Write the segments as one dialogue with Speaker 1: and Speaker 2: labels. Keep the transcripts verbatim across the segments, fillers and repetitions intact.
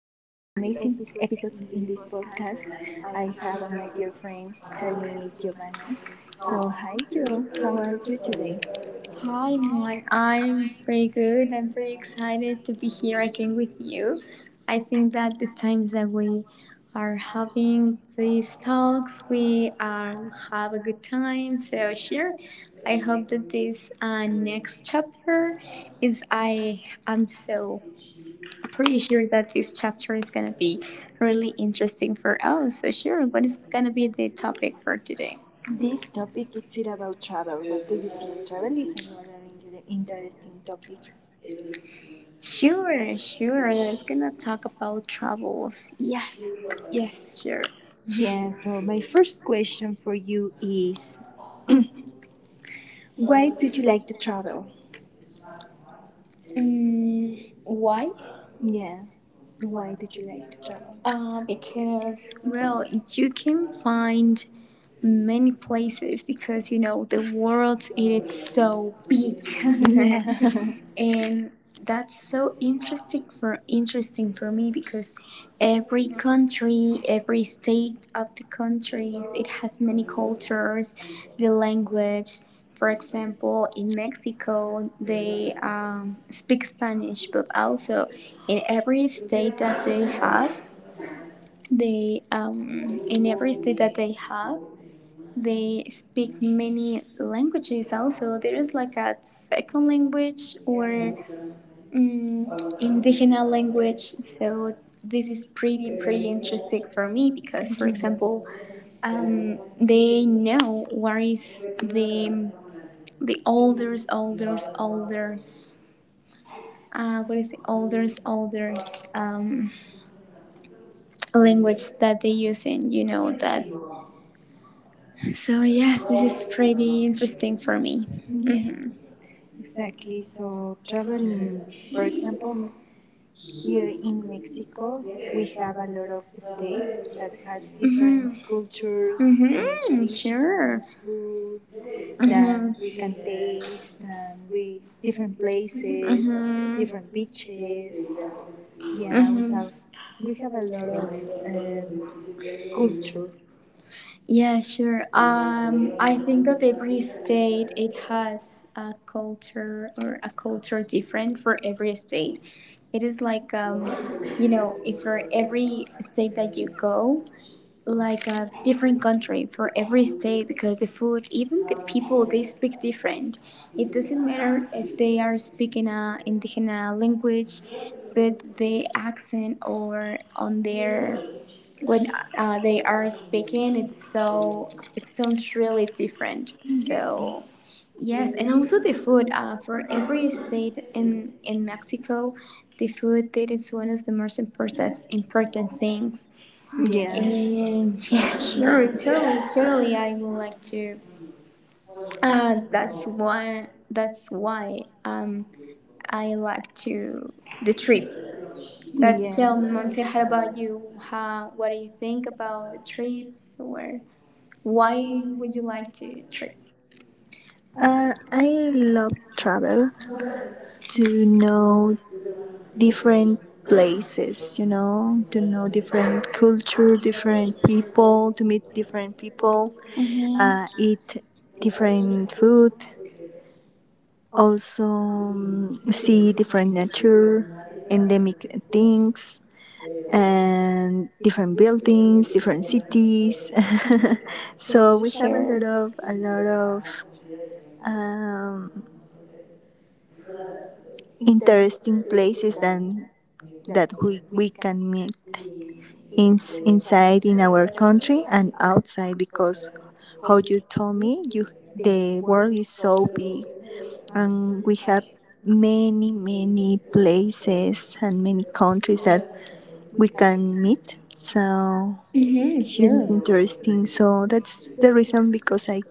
Speaker 1: amazing episode in this podcast. I have uh, my dear friend, her name is Giovanna. So, hi, Joe, how are you today?
Speaker 2: Hi, Mon. I'm pretty good. I'm pretty excited to be here again with you. I think that the times that we are having these talks, we um, have a good time. So, sure. I hope that this uh, next chapter is. I am so pretty sure that this chapter is going to be really interesting for us. So, sure. What is going to be the topic for today?
Speaker 1: This topic is it about travel. What do you think? Travel is another in- interesting topic.
Speaker 2: Sure, sure. Let's gonna talk about travels. Yes, yes, sure.
Speaker 1: Yeah, so my first question for you is why do you like to travel?
Speaker 2: Mm, why?
Speaker 1: Yeah, why do you like to
Speaker 2: Uh, because well, you can find many places because you know the world it is so big.
Speaker 1: travel?
Speaker 2: And that's so interesting for interesting for me because every country, every state of the countries, it has many cultures, the language. For example, in Mexico they um, speak Spanish, but also in every state that they have, they um, in every state that they have they speak many languages. Also there is like a second language or mm, indigenous language. So this is pretty pretty
Speaker 1: Yeah.
Speaker 2: interesting
Speaker 1: For
Speaker 2: for me because,
Speaker 1: Yeah.
Speaker 2: for example,
Speaker 1: example.
Speaker 2: um, they know what is the the oldest oldest oldest. Uh, what is the oldest oldest um, language that they use in, you know, that. So yes, this is pretty interesting for me.
Speaker 1: Yeah,
Speaker 2: Mhm.
Speaker 1: exactly. So traveling, for example, here in Mexico, we have a lot of states that has
Speaker 2: Mm-hmm,
Speaker 1: different cultures,
Speaker 2: mm-hmm.
Speaker 1: uh,
Speaker 2: Mm-hmm.
Speaker 1: traditions,
Speaker 2: Sure.
Speaker 1: food that we can
Speaker 2: Mm-hmm, that.
Speaker 1: taste, and we different places,
Speaker 2: Mm-hmm.
Speaker 1: different beaches. Yeah, we
Speaker 2: Mm-hmm.
Speaker 1: have we have a lot of um culture.
Speaker 2: Yeah, sure. Um, I think that every state it has a culture or a culture different for every state. It is like um, you know, if for every state that you go, like a different country for every state, because the food, even the people, they speak different. It doesn't matter if they are speaking a indigenous language, but the accent or on their when uh, they are speaking, it's so it sounds really different.
Speaker 1: Yeah.
Speaker 2: So. Yes, and also the food. Uh, for every state in in Mexico, the food, that is one of the most important important things
Speaker 1: Yeah. And
Speaker 2: and yeah, sure, totally, totally. I would like to. Uh,
Speaker 1: uh,
Speaker 2: that's why. That's why. Um, I like to the trips. But yeah, tell me, Monse,
Speaker 1: Yeah.
Speaker 2: how about you? How, what do you think about the trips, or why would you like to trip?
Speaker 1: Uh, I love travel to know different places, you know, to know different culture, different people, to meet different people, uh,
Speaker 2: Mm-hmm.
Speaker 1: eat different food, also um, see different nature, endemic things, and different buildings, different cities. So we have a lot
Speaker 2: Sure.
Speaker 1: of a lot of um, interesting places and that we, we can meet in, inside in our country and outside because how you told me you the world is so big and we have many many places and many countries that we can meet. So
Speaker 2: Mm-hmm.
Speaker 1: it is
Speaker 2: Sure.
Speaker 1: interesting. So that's the reason because I,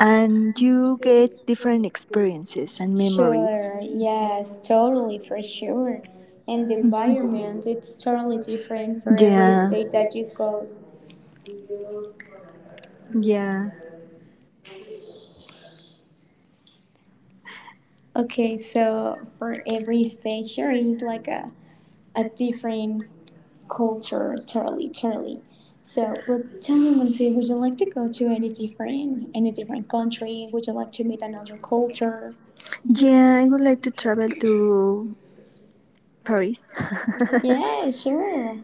Speaker 1: and you get different experiences and memories.
Speaker 2: Sure, yes, totally, for sure. And
Speaker 1: And
Speaker 2: the
Speaker 1: the
Speaker 2: environment,
Speaker 1: environment,
Speaker 2: it's
Speaker 1: it's
Speaker 2: totally
Speaker 1: totally
Speaker 2: different
Speaker 1: different from,
Speaker 2: for every
Speaker 1: yeah, the
Speaker 2: state that
Speaker 1: place that
Speaker 2: you
Speaker 1: you
Speaker 2: go.
Speaker 1: go. Yeah.
Speaker 2: Okay, so for every state, sure, it's like a, a different culture, totally, totally. So, but tell me, Monse, would you like to go to any different, any different country? Would you like to meet another culture?
Speaker 1: Yeah, I would like to travel to Paris.
Speaker 2: Yeah,
Speaker 1: Yeah,
Speaker 2: sure.
Speaker 1: sure.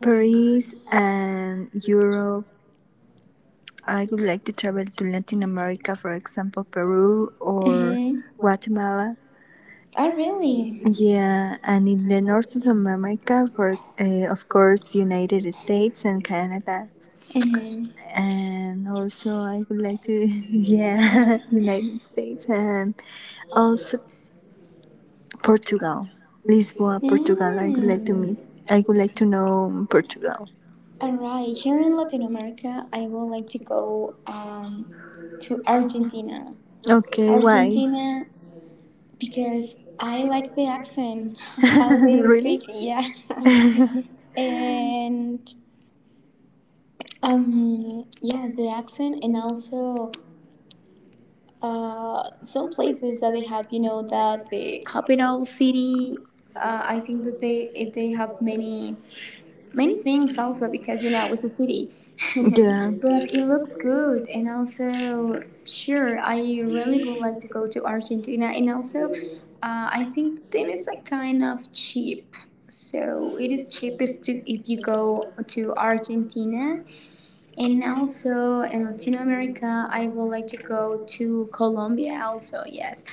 Speaker 1: Paris and Europe. I would like to travel to Latin America, for example,
Speaker 2: Peru.
Speaker 1: Peru, or
Speaker 2: Mm-hmm.
Speaker 1: mhm, Guatemala.
Speaker 2: Oh, really?
Speaker 1: Yeah, and in the north of America, for uh, of course, United States and Canada,
Speaker 2: Mm-hmm.
Speaker 1: and also I would like to, yeah, United States and also Portugal, Lisboa, Portugal. I would like to
Speaker 2: Mm.
Speaker 1: meet. I would like to know Portugal.
Speaker 2: All right. Here in Latin America, I would like to go um, to Argentina.
Speaker 1: Okay, why?
Speaker 2: Argentina because I like the accent, how they
Speaker 1: Really?
Speaker 2: speak. Yeah. And um yeah, the accent, and also Uh, some places that they have, you know, that the capital city. Uh, I think that they they have many many things, also because you know it's a city,
Speaker 1: Yeah,
Speaker 2: but it looks good. And also, sure, I really would like to go to Argentina, and also uh, I think then it's a kind of cheap, so it is cheap if to if you go to Argentina. And also in Latin America, I would like to go to Colombia also, yes.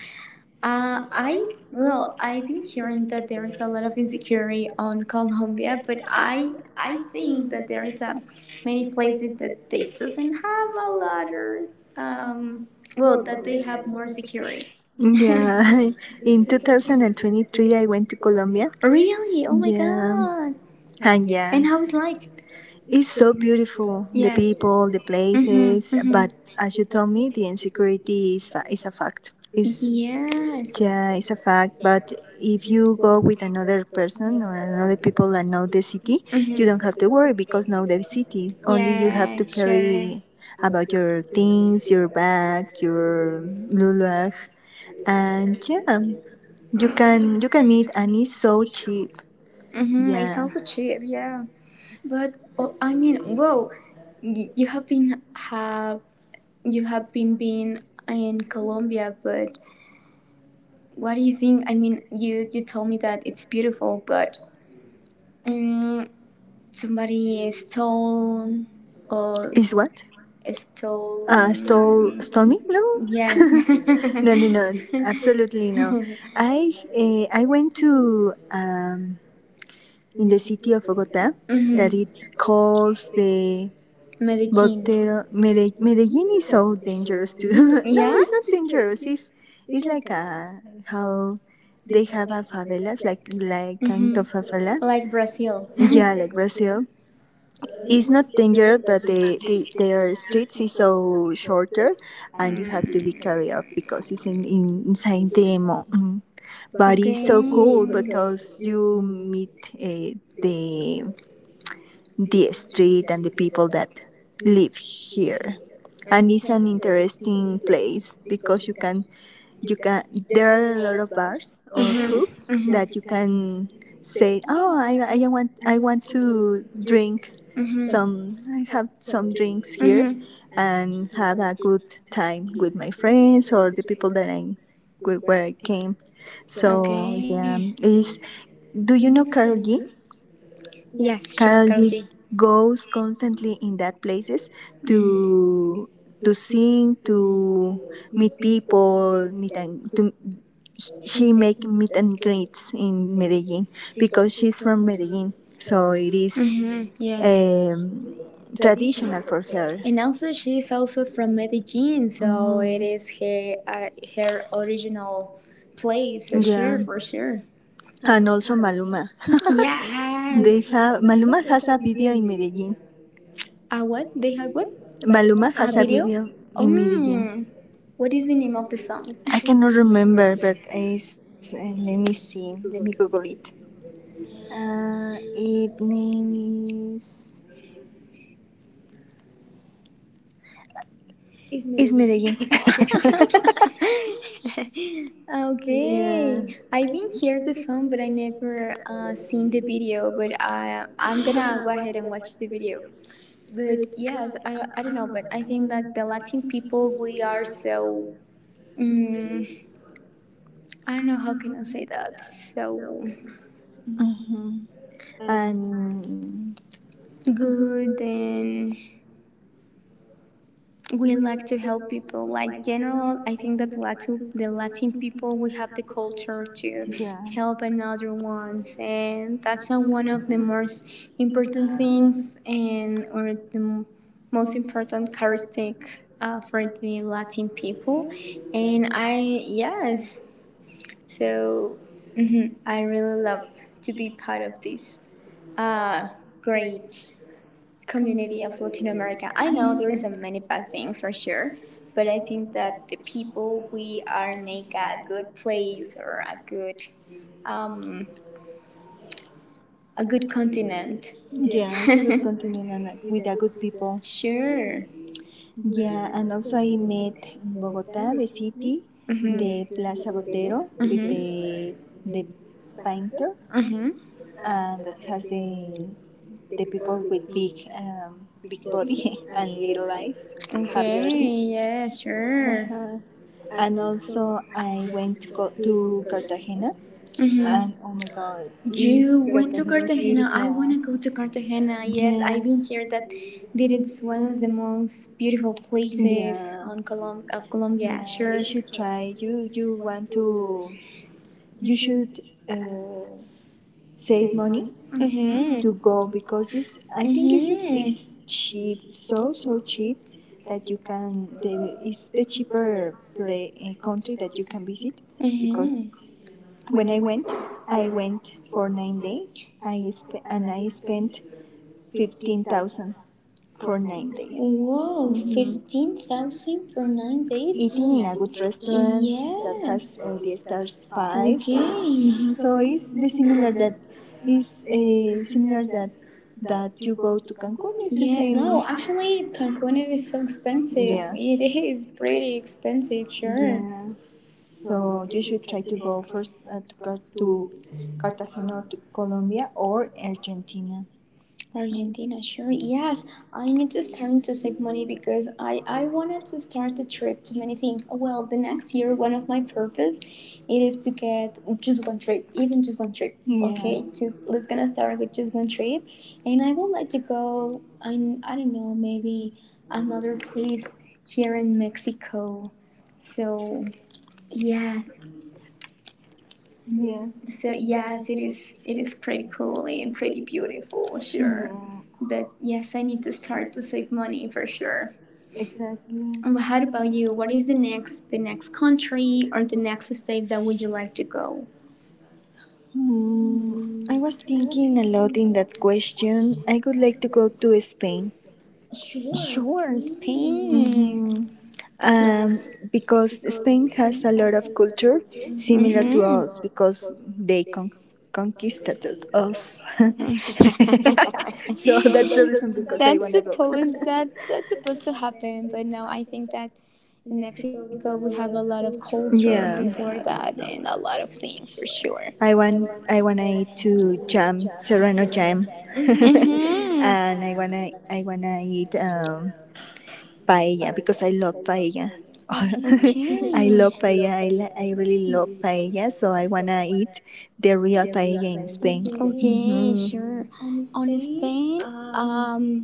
Speaker 2: Uh, I, well, I've been hearing that there is a lot of insecurity on Colombia, but I, I think that there is um, many places that they doesn't have a lot of, um, well, that they have more security.
Speaker 1: yeah, in two thousand twenty-three I went to Colombia.
Speaker 2: Really? Oh my
Speaker 1: Yeah,
Speaker 2: god.
Speaker 1: and yeah,
Speaker 2: And how is like?
Speaker 1: it's so beautiful. The people, the places, but as you told me, the insecurity is fa- is a fact. It's
Speaker 2: Yes.
Speaker 1: yeah, it's a fact. But if you go with another person or another people that know the city, you don't have to worry because know the city. Only you have to carry about your things, your bag, your luluag, and yeah, you can you can meet and it's so cheap.
Speaker 2: Mm-hmm. It's
Speaker 1: Yeah.
Speaker 2: also cheap, yeah. But oh, I mean, whoa, Y- you have been have you have been been in Colombia, but what do you think? I mean, you you told me that it's beautiful, but mm somebody stole or
Speaker 1: Is what?
Speaker 2: stole.
Speaker 1: Uh, stole
Speaker 2: Uh,
Speaker 1: stole me? No.
Speaker 2: Yes, in.
Speaker 1: no, no, no. Absolutely no. I uh, I went to um in the city of Bogota that
Speaker 2: Mhm.
Speaker 1: it calls the
Speaker 2: Medellin.
Speaker 1: Botero Mede- Medellin is so dangerous too. No, it's not dangerous. It's it's like a how they have a favelas like like kind of favelas.
Speaker 2: Like Brazil.
Speaker 1: Yeah, like Brazil. It's not dangerous, but the, the their streets is so shorter, and you have to be carried off because it's in, in inside the mountain. But it's so cool
Speaker 2: Okay.
Speaker 1: because you meet uh, the the street and the people that live here, and it's an interesting place because you can you can there are a lot of bars or pubs that you can say oh i, I want i want to drink some i have some drinks here and have a good time with my friends or the people that I where I came. So yeah, is do you know Karol G?
Speaker 2: Yes, Carol.
Speaker 1: Currently goes constantly in that places to to sing, to meet people, meet and to she make meet and greets in Medellin because she's from Medellin, so it is
Speaker 2: Hmm, yes.
Speaker 1: um, traditional for her.
Speaker 2: And also, she is also from Medellin, so it is her, uh, her original place, so yeah, sure,
Speaker 1: Yeah,
Speaker 2: for sure.
Speaker 1: and also Maluma.
Speaker 2: They.
Speaker 1: They
Speaker 2: Yes.
Speaker 1: have Maluma has a video in Medellin.
Speaker 2: Uh, what? They have what?
Speaker 1: Maluma
Speaker 2: A
Speaker 1: has a
Speaker 2: video?
Speaker 1: video
Speaker 2: Oh,
Speaker 1: in Medellin.
Speaker 2: mm. What is the name of the song?
Speaker 1: I cannot remember, but is uh, let me see, let me Google it. Uh, it name is is Medellin.
Speaker 2: Ah,
Speaker 1: Okay.
Speaker 2: okay,
Speaker 1: Yeah.
Speaker 2: I've been here the song, but I never uh, seen the video. But I, I'm gonna go ahead and watch the video. But yes, I, I don't know, but I think that the Latin people we are so um, I don't know how can I say that. So
Speaker 1: Hmm. And
Speaker 2: good. And we
Speaker 1: we
Speaker 2: like
Speaker 1: like
Speaker 2: to help people like
Speaker 1: like getting
Speaker 2: general. I think that
Speaker 1: the
Speaker 2: latin the Latin people we have the culture
Speaker 1: culture.
Speaker 2: to
Speaker 1: Too. Yeah,
Speaker 2: help another ones, and
Speaker 1: and
Speaker 2: that's
Speaker 1: that's
Speaker 2: uh,
Speaker 1: a
Speaker 2: one
Speaker 1: way.
Speaker 2: of the most important things, and or the most important characteristic uh, for the Latin people. And I, yes, so mhm, I really love to be part of this uh, great community of Latin America. I know there is a many bad things for sure, but I think that the people we are make a good place or a good, um, a good continent.
Speaker 1: Yeah, it's a good continent and like, with a good people.
Speaker 2: Sure.
Speaker 1: Yeah, and also I met in Bogota, the city,
Speaker 2: Mhm.
Speaker 1: the Plaza Botero with
Speaker 2: Mhm.
Speaker 1: the the painter,
Speaker 2: Mhm.
Speaker 1: and that has the the people with big um, big body and little eyes. Have you ever seen?
Speaker 2: Okay. Yeah. Sure.
Speaker 1: Uh, and also I went to go to Cartagena,
Speaker 2: Hmm.
Speaker 1: and oh my God, is
Speaker 2: You went to
Speaker 1: Cartagena is
Speaker 2: Cartagena. I want
Speaker 1: beautiful.
Speaker 2: to go to Cartagena. Yes,
Speaker 1: Yeah,
Speaker 2: I've been here that that it's one of the most beautiful places
Speaker 1: yeah.
Speaker 2: on Colom- of Colombia.
Speaker 1: Yeah,
Speaker 2: Sure.
Speaker 1: you should try. You you want to you should uh, save money
Speaker 2: Mm-hmm.
Speaker 1: to go because it's I think it's it's cheap so so cheap that you can the it's the cheaper play uh, country that you can
Speaker 2: Mhm.
Speaker 1: visit because
Speaker 2: Mhm.
Speaker 1: when I went I went for nine days I sp- and I spent fifteen thousand for nine days.
Speaker 2: Wow,
Speaker 1: Mhm.
Speaker 2: fifteen thousand for nine days?
Speaker 1: Eating in a good restaurant yeah, that has
Speaker 2: Yes.
Speaker 1: uh, the stars five.
Speaker 2: Okay.
Speaker 1: Mhm. So it's the similar that is uh, similar that that you go to Cancun. It's the
Speaker 2: Yeah,
Speaker 1: same.
Speaker 2: no, actually, Cancun is so expensive.
Speaker 1: Yeah,
Speaker 2: Yeah. It is pretty expensive, sure.
Speaker 1: yeah. So you should try to go first uh, to Car- to Cartagena or to Colombia or Argentina.
Speaker 2: Argentina, sure. Yes, I need to start to save money because I, I wanted to start a trip to many things. Well, the next year, one of my purpose, it is to get just one trip, even just one trip.
Speaker 1: Yeah.
Speaker 2: Okay, just let's gonna start with just one trip, and I would like to go. I I don't know, maybe another place here in Mexico. So yes,
Speaker 1: Yeah.
Speaker 2: so yes, it is. It is pretty cool and pretty beautiful, sure.
Speaker 1: Yeah.
Speaker 2: But yes, I need to start to save money for sure.
Speaker 1: Exactly.
Speaker 2: Um, how about you? What is the next, the next country or the next state that would you like to go?
Speaker 1: Hmm. I was thinking a lot in that question. I would like to go to Spain.
Speaker 2: Sure, Spain.
Speaker 1: Hmm.
Speaker 2: Yes.
Speaker 1: Um, because Spain has a lot of culture similar
Speaker 2: Mm-hmm.
Speaker 1: to us because they con- conquisted us. So that's the reason because
Speaker 2: That's
Speaker 1: I want to go.
Speaker 2: supposed that that's supposed to happen, but no, I think that in Mexico we have a lot of culture
Speaker 1: Yeah.
Speaker 2: before that, and a lot of things for sure.
Speaker 1: I want I wanna to jam serrano jam,
Speaker 2: Hmm.
Speaker 1: and I wanna I wanna eat um, paella because I love paella.
Speaker 2: Okay.
Speaker 1: I love paella. I, li- I really love paella, so I wanna
Speaker 2: Eat.
Speaker 1: eat the real paella in
Speaker 2: Okay,
Speaker 1: Spain.
Speaker 2: sure. On Spain, um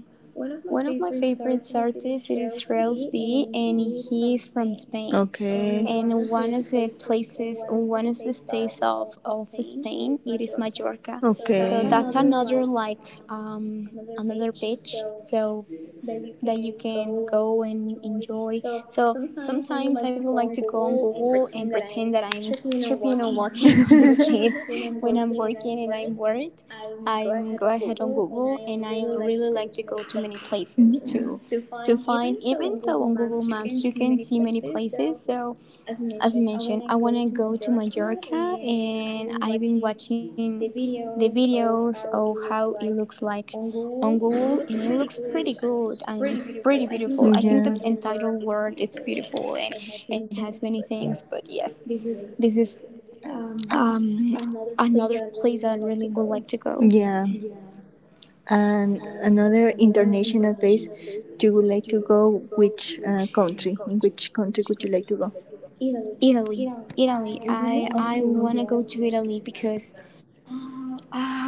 Speaker 2: one of my favorites artists it is Rails B, and he is from
Speaker 1: Okay, sure. Hmm.
Speaker 2: Spain.
Speaker 1: And okay, one
Speaker 2: And
Speaker 1: of
Speaker 2: one
Speaker 1: the
Speaker 2: of the
Speaker 1: places or
Speaker 2: places,
Speaker 1: one of
Speaker 2: one
Speaker 1: the
Speaker 2: of the
Speaker 1: top
Speaker 2: states of,
Speaker 1: of
Speaker 2: of
Speaker 1: Spain. So
Speaker 2: Spain, it is Mallorca.
Speaker 1: that's
Speaker 2: Okay. So
Speaker 1: okay,
Speaker 2: that's
Speaker 1: another um,
Speaker 2: another like um, another beach, so
Speaker 1: that you
Speaker 2: that you
Speaker 1: can
Speaker 2: can
Speaker 1: go.
Speaker 2: go and enjoy. So sometimes I would like to go on Google and pretend that I'm tripping or walking on the streets when I'm working and I'm bored. I'm go ahead on Google, and I really like to go to many places to
Speaker 1: Yeah.
Speaker 2: to find. Even though on Google Maps you can see many places, so as I mentioned, I want to go to Mallorca, and I've been watching the videos of how it looks like on Google, and it looks pretty good. I'm pretty beautiful. I think that entire world it's beautiful and it has many things, but yes, this is um, another place I really would like to go.
Speaker 1: Yeah. And another international place you would like to go, which uh, country? In which country would you like to go?
Speaker 2: Italy. Italy.
Speaker 1: Italy?
Speaker 2: I I want to go to Italy because uh,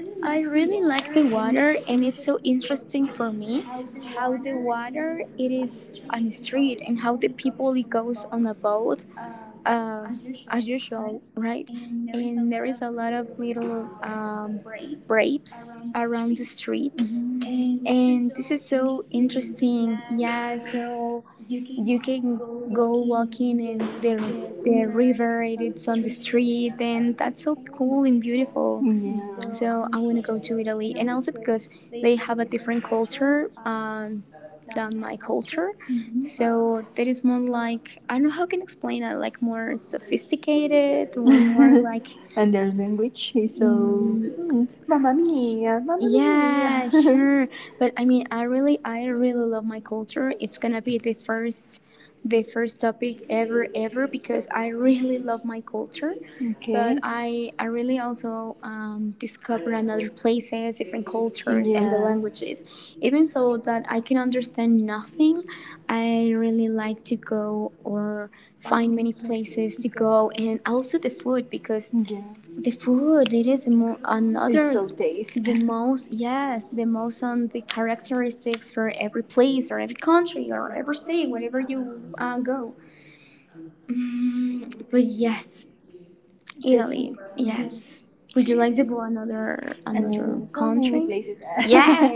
Speaker 2: I really like the water, and it's so interesting for me how the water it is on the street and how the people it goes on a boat uh, as usual, right? And there is a lot of little um, rapes around the
Speaker 1: Yeah.
Speaker 2: streets,
Speaker 1: Mhm.
Speaker 2: and this is so interesting. Yeah, so you can go walking in the the river, and it's on the street, and that's so cool and beautiful. So I
Speaker 1: Yeah.
Speaker 2: want to go to Italy, and also because they have a different culture um, than my culture. Mm-hmm. So
Speaker 1: Mhm.
Speaker 2: that is more like, I don't know how I can explain it, like more sophisticated or more like
Speaker 1: And their language is
Speaker 2: so
Speaker 1: mm, mamma mia, mamma.
Speaker 2: yeah, sure. But I mean, I really, I really love my culture. It's gonna be the first, the first topic ever, ever, because I really love my culture. But okay, I, I really also um, discover another places, different cultures, and the, yes, languages. Even so that I can understand nothing, I really like to go or find many places to go, and also the food, because
Speaker 1: Yeah.
Speaker 2: the food, it is mo-
Speaker 1: It's
Speaker 2: another, the
Speaker 1: tasty.
Speaker 2: most, yes, the most on the characteristics for every place or every country or every state, wherever you uh, go. Mm, but yes, Italy, yes. Would you like to go another
Speaker 1: And
Speaker 2: another
Speaker 1: then so many
Speaker 2: country?
Speaker 1: places.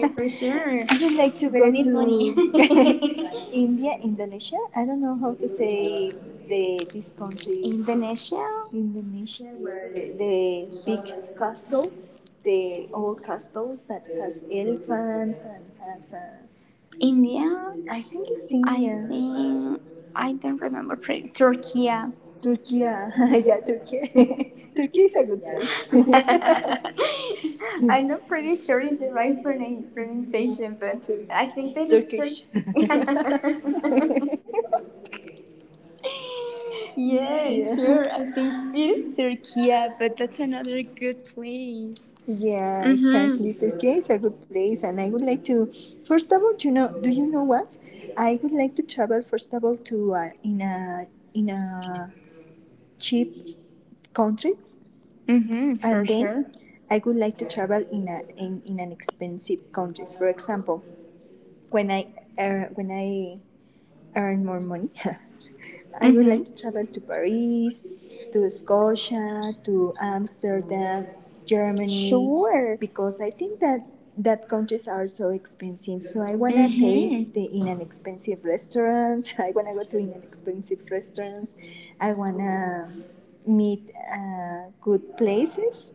Speaker 2: for sure.
Speaker 1: I would like to
Speaker 2: But I
Speaker 1: go
Speaker 2: need money.
Speaker 1: to India, Indonesia. I don't know how to say the these countries.
Speaker 2: Indonesia?
Speaker 1: Indonesia, where the big castles, the old castles that has elephants and has a.
Speaker 2: India?
Speaker 1: I think it's
Speaker 2: I
Speaker 1: India.
Speaker 2: think I don't remember. Pre- Turkey. I'm
Speaker 1: Turkey, yeah, Turkey. Turkey is a good place.
Speaker 2: not pretty sure it's the right pronoun- pronunciation, but I think that is Turkey.
Speaker 1: Turkish.
Speaker 2: Yeah, sure. I
Speaker 1: Yeah.
Speaker 2: think it is Turkey, yeah, but that's another good place.
Speaker 1: Yeah,
Speaker 2: Mhm.
Speaker 1: exactly. Turkey is a good place, and I would like to. First of all, you know, do you know what? I would like to travel first of all to uh, in a in a cheap countries,
Speaker 2: Mhm. Sure.
Speaker 1: and then
Speaker 2: Sure.
Speaker 1: I would like to travel in a in, in an expensive countries. For example, when I earn when I earn more money, I would
Speaker 2: Mhm.
Speaker 1: like to travel to Paris, to Scotia, to Amsterdam, Germany,
Speaker 2: Sure.
Speaker 1: because I think that that countries are so expensive. So I wanna
Speaker 2: Mhm.
Speaker 1: taste the in an expensive restaurants. I wanna go to in an expensive restaurants. I wanna meet uh, good places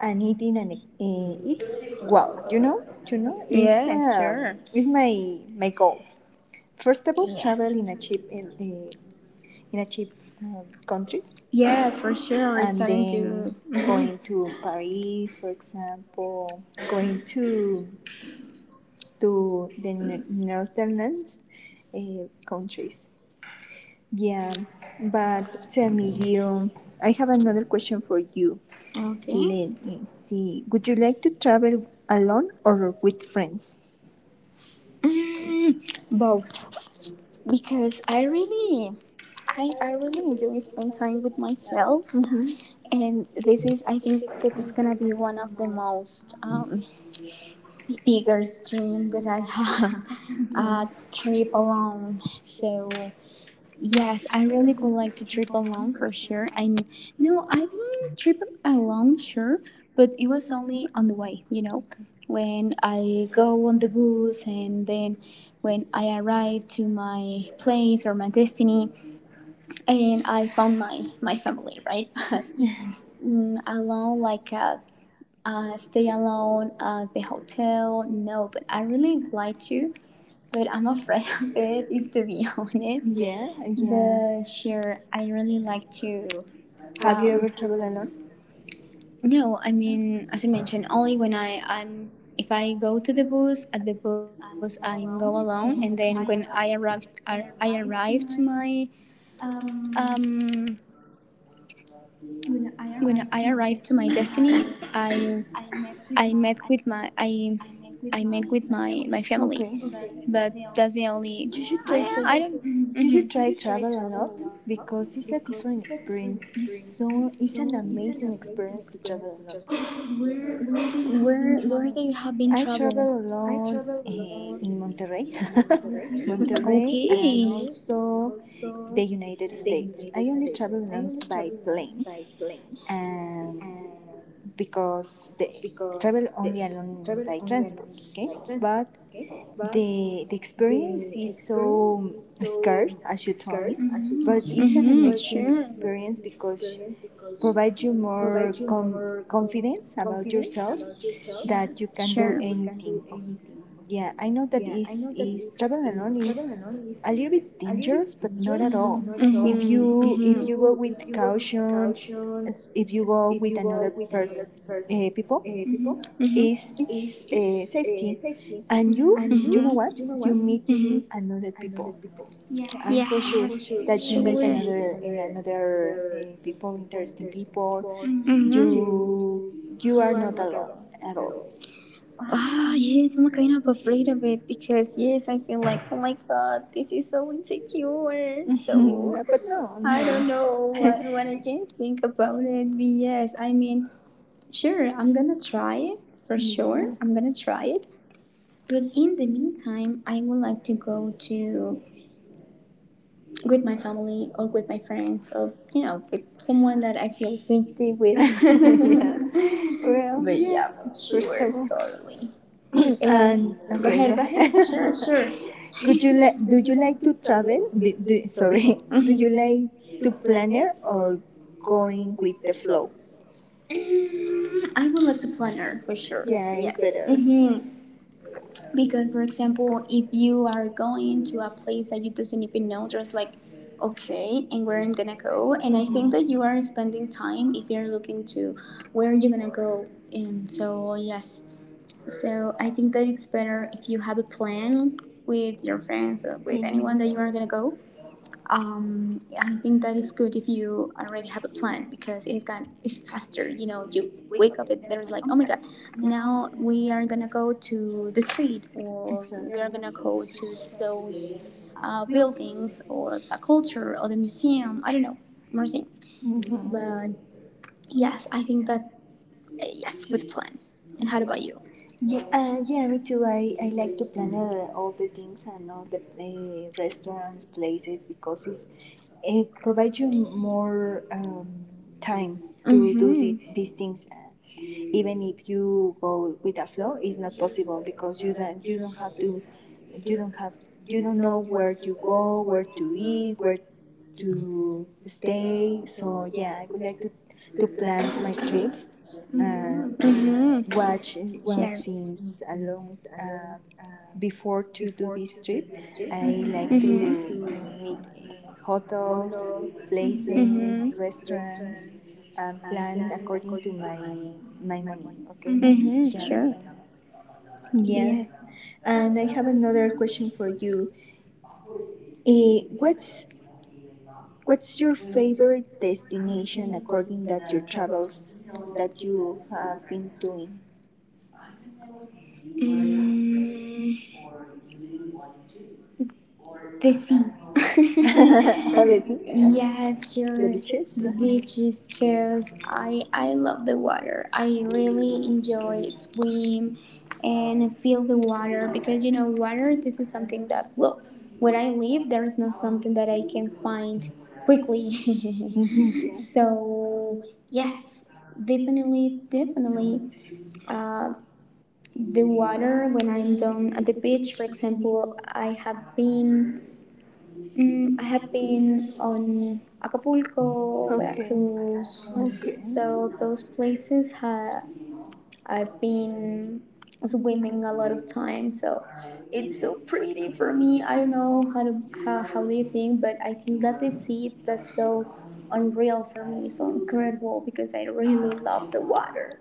Speaker 1: and eat in an uh, eat well. You know, you know, is
Speaker 2: Yeah.
Speaker 1: um,
Speaker 2: Sure.
Speaker 1: is my my goal. First of all,
Speaker 2: Yes.
Speaker 1: travel in a cheap uh, uh, in a cheap um, countries
Speaker 2: Yes, for sure. We're
Speaker 1: and
Speaker 2: starting to.
Speaker 1: then
Speaker 2: Mhm.
Speaker 1: going to Paris, for example, going to to the N- Netherlands uh, countries. Yeah, but tell me, you, I have another question for you.
Speaker 2: Okay.
Speaker 1: Let me see. Would you like to travel alone or with friends?
Speaker 2: Mm, both because i really I, I really enjoy spend time with myself,
Speaker 1: Mm-hmm.
Speaker 2: and this is I think that it's gonna be one of the most um, biggest dream that I have a trip alone. So yes, I really would like to trip alone for sure. I kn- no, I've been tripping alone, sure, but it was only on the way, you know, when I go on the bus, and then when I arrive to my place or my destiny, and I found my my family, right? But Mm, alone, like uh, uh, stay alone at the hotel. No, but I really would like to, but I'm afraid of it, if to be honest.
Speaker 1: Yeah,
Speaker 2: But
Speaker 1: yeah.
Speaker 2: sure, I really like to.
Speaker 1: Have you
Speaker 2: Um, Um,
Speaker 1: ever traveled alone?
Speaker 2: No, I mean, as I mentioned, only when I I'm if I go to the bus, at the bus I go alone, and then when I arrived, I, I arrived to my um when I arrived to my destiny, I I met with my I I met with my my family,
Speaker 1: Okay.
Speaker 2: but that's the only.
Speaker 1: You
Speaker 2: Yeah,
Speaker 1: should
Speaker 2: I
Speaker 1: try to
Speaker 2: don't. hmm
Speaker 1: you should try travel a lot because it's a different experience. It's so it's an amazing experience to travel alone.
Speaker 2: Where where do you have been travel?
Speaker 1: I travel alone eh, in Monterrey,
Speaker 2: Okay.
Speaker 1: Monterrey, and also the United States. I only travel alone by plane, and because they travel only alone by transport, okay? But the the experience is so scarce, as you told me, mm-hmm,
Speaker 2: Mhm.
Speaker 1: but it's
Speaker 2: Sure.
Speaker 1: an amazing experience because provide you more com- confidence about yourself
Speaker 2: Yeah.
Speaker 1: that you can do anything, okay? Yeah, I know that is is travel alone is a little bit dangerous, but not at all. If
Speaker 2: Mhm.
Speaker 1: you if you go with caution, as- if you go with another person, uh, people,
Speaker 2: Mhm.
Speaker 1: is is uh, safety, and you you know what you meet another people. I'm for
Speaker 2: Yes, sure.
Speaker 1: sure that you meet another uh, another uh, people, interesting people.
Speaker 2: Mm-hmm.
Speaker 1: You you are not alone at all.
Speaker 2: Oh, yes, I'm kind of afraid of it because, yes, I feel like, oh my god, this is so insecure. Mhm. So,
Speaker 1: Dapat noon.
Speaker 2: I don't
Speaker 1: I
Speaker 2: know what, what I can think about it. But yes, I mean, sure, I'm gonna try it for sure. I'm gonna try it. But in the meantime, I would like to go to with my family or with my friends or you know with someone that I feel safety with.
Speaker 1: Well,
Speaker 2: But yeah,
Speaker 1: but first sure,
Speaker 2: sure,
Speaker 1: of all,
Speaker 2: totally. Uh,
Speaker 1: and
Speaker 2: Go
Speaker 1: okay,
Speaker 2: ahead, go ahead. Sure, sure.
Speaker 1: would you like? Do you like to travel? Do, do, sorry, do you
Speaker 2: Mhm.
Speaker 1: like to planner or going with the flow?
Speaker 2: Mm, I would like to planner for sure.
Speaker 1: Yeah, it's
Speaker 2: Yes.
Speaker 1: better. Mm-hmm.
Speaker 2: hmm Because, for example, if you are going to a place that you doesn't even know, just like, okay, and where I'm gonna go, and I think that you are spending time if you're looking to where you're gonna go, and so yes, so I think that it's better if you have a plan with your friends or with anyone that you are
Speaker 1: Mhm.
Speaker 2: gonna go. um I think that is good if you already have a plan because it is going it's faster, you know you wake up and there's like oh my god, now we are gonna go to the street or
Speaker 1: Exactly.
Speaker 2: we are gonna go to those uh, buildings or the culture or the museum, I don't know, more things.
Speaker 1: Mhm.
Speaker 2: But yes, I think that uh, yes, with plan. And how about you?
Speaker 1: Yeah, uh, yeah, me too. I, I like to plan uh, all the things and all the uh, restaurants, places, because it's, it provides you more um, time to do
Speaker 2: Mm-hmm.
Speaker 1: the,
Speaker 2: These
Speaker 1: these
Speaker 2: things.
Speaker 1: things. Uh, even if you go with a flow, it's not possible because you don't you don't have to, you don't have you don't know where to go, where to eat, where to stay. So yeah, I would like to to plan my trips. Uh,
Speaker 2: Mm-hmm. Share.
Speaker 1: watch in since a long um, before to do this trip. I like
Speaker 2: Mhm.
Speaker 1: to meet uh, hotels,
Speaker 2: Mhm.
Speaker 1: places, restaurants, and plan according to my my money. Okay, my
Speaker 2: Mm-hmm, sure.
Speaker 1: money. Yeah,
Speaker 2: Yes.
Speaker 1: and I have another question for you. Eh, what's what's your favorite destination according that your travels that you have been doing?
Speaker 2: Mm, the sea.
Speaker 1: A ver, sí.
Speaker 2: Yes, sure.
Speaker 1: Beaches.
Speaker 2: The beaches, because I I love the water. I really enjoy swim and feel the water because you know water. This is something that, well, when I leave, there is not something that I can find quickly.
Speaker 1: Mhm, yes.
Speaker 2: So yes, definitely, definitely. Uh, the water when I'm down at the beach, for example, I have been Mm, I have been on Acapulco, Veracruz.
Speaker 1: Okay.
Speaker 2: So those places ha I've been swimming a lot of times. So it's so pretty for me. I don't know how to how, how they think, but I think that they see it, that's so unreal for me, so incredible because I really love the water.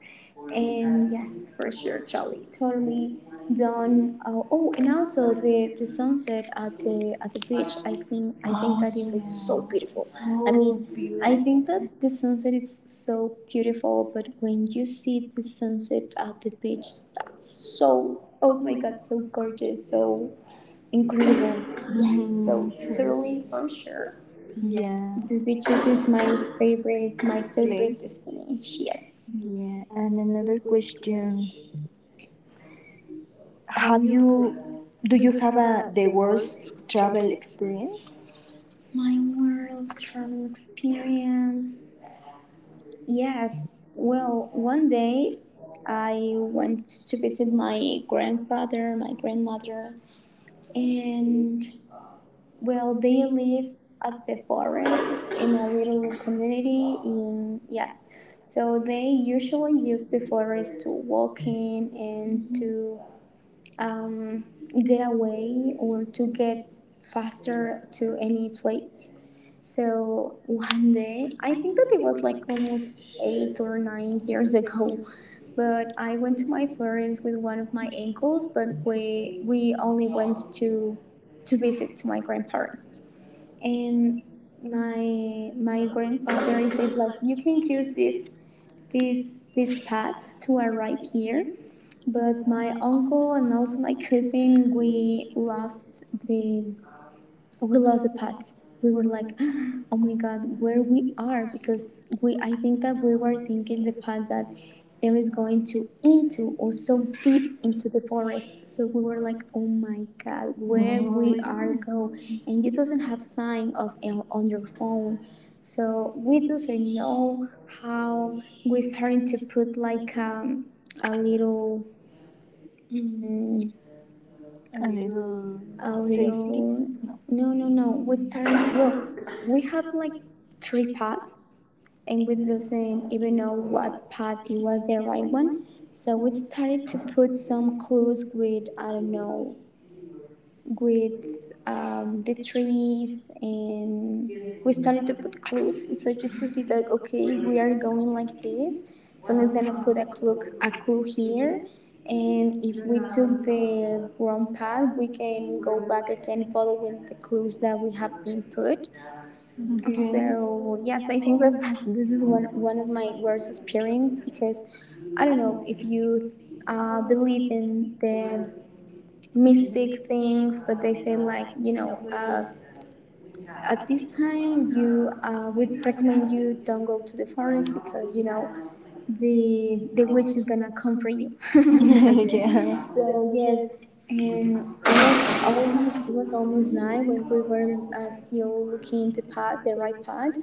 Speaker 2: And yes, for sure, totally totally done. Oh, oh and also the the sunset at the at the beach, i think i think
Speaker 1: Oh
Speaker 2: that it looks so
Speaker 1: yeah.
Speaker 2: beautiful. I mean,
Speaker 1: So
Speaker 2: I think that the sunset is so beautiful, but when you see the sunset at the beach, that's so, oh my god, so gorgeous, so incredible. Yes, so totally, for sure,
Speaker 1: yeah.
Speaker 2: the beaches is my favorite my favorite destination. Yes.
Speaker 1: Yeah. And another question: have you? Do you have a the worst travel experience?
Speaker 2: My world travel experience. Yes. Well, one day I went to visit my grandfather, my grandmother. And well, they live at the forest in a little community in, yes. So they usually use the forest to walk in and to um, get away or to get faster to any place. So one day, I think that it was like almost eight or nine years ago, but I went to my parents with one of my uncles, but we we only went to to visit to my grandparents. And my my grandfather, he says like you can use this this this path to arrive here, but my uncle and also my cousin, we lost the we lost the path. We were like, oh my god, where we are, because we I think that we were thinking the path that there is going to into or so deep into the forest. So we were like, oh my god, where we are go, and you doesn't have sign of eh, on your phone, so we doesn't know how, we starting to put like um, a little. mm
Speaker 1: A little.
Speaker 2: a little.
Speaker 1: No.
Speaker 2: No, no, no, we started. Well, we have like three paths, and we doesn't even know what path it was the right one. So we started to put some clues with, I don't know, with um, the trees. And we started to put clues so just to see that okay, we are going like this. Someone's gonna put a clue a clue here, and if we took the wrong path we can go back again following the clues that we have been put.
Speaker 1: Okay.
Speaker 2: So yes, I think that that's, this is one, one of my worst experience. Because I don't know if you uh, believe in the mystic things, but they say like, you know uh, at this time you uh, would recommend you don't go to the forest because you know the the witch is gonna come for you. So yes, and it was almost it was almost night when we were uh, still looking the path, the right path.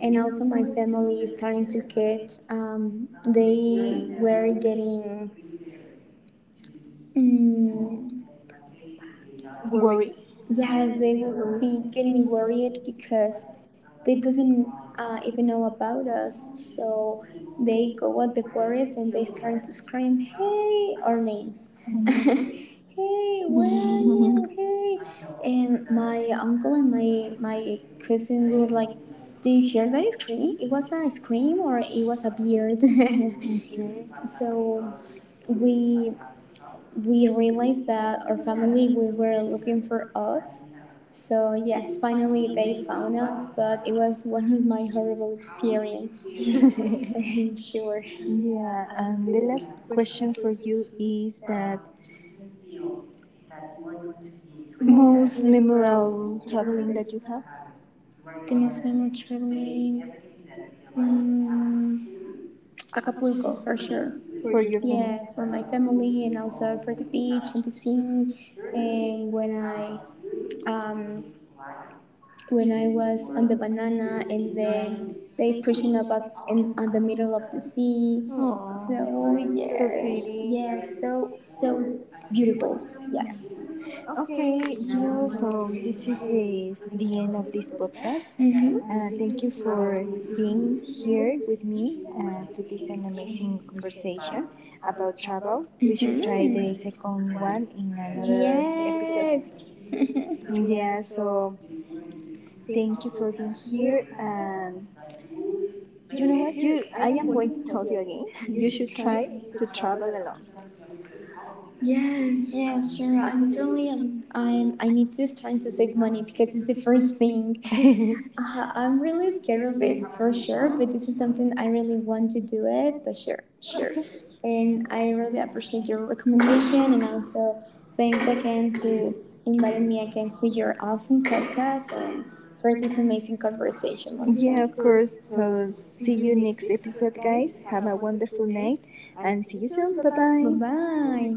Speaker 2: And also my family is starting to get um, they were getting. mm
Speaker 1: Worry.
Speaker 2: Yes, they will be getting worried because they doesn't uh, even know about us. So they go at the forest and they start to scream, "Hey!" our names.
Speaker 1: Mm-hmm.
Speaker 2: Hey, where are you? Hey! And my uncle and my my cousin were like, "Do you hear that scream? It was a scream or it was a beard?"
Speaker 1: Okay.
Speaker 2: So we we realized that our family we were looking for us. So yes, finally they found us, but it was one of my horrible experience.
Speaker 1: Yeah.
Speaker 2: Sure.
Speaker 1: Yeah, and the last question for you is that most memorable traveling that you have
Speaker 2: The most memorable traveling, mm, Acapulco for sure.
Speaker 1: for your.
Speaker 2: Yes, for my family and also for the beach and the sea. And when I um, when I was on the banana, and then they pushing up up in on the middle of the sea. So
Speaker 1: Oh,
Speaker 2: yes,
Speaker 1: pretty.
Speaker 2: yes, so so beautiful. Yes.
Speaker 1: Okay, you. So this is the the end of this podcast.
Speaker 2: Mhm.
Speaker 1: Uh, thank you for being here with
Speaker 2: For
Speaker 1: me uh, to this an amazing conversation about travel.
Speaker 2: which.
Speaker 1: We try the
Speaker 2: Mhm.
Speaker 1: second one in another.
Speaker 2: Yes.
Speaker 1: Yeah, so thank you for being here. And you know what? You, I am going to tell you again. You should try to travel alone.
Speaker 2: Yes, yes, sure. I literally am, I'm I need to start to save money because it's the first thing. Uh, I'm really scared of it for sure, but this is something I really want to do it. But sure, sure. And I really appreciate your recommendation and also thanks again to inviting me again to your awesome podcast and for
Speaker 1: For
Speaker 2: this
Speaker 1: this
Speaker 2: amazing
Speaker 1: amazing.
Speaker 2: conversation on
Speaker 1: Yeah,
Speaker 2: Zoom.
Speaker 1: of course. So see you next episode, guys. Have a wonderful night and see you soon. Bye. Bye
Speaker 2: Bye
Speaker 1: bye.
Speaker 2: bye.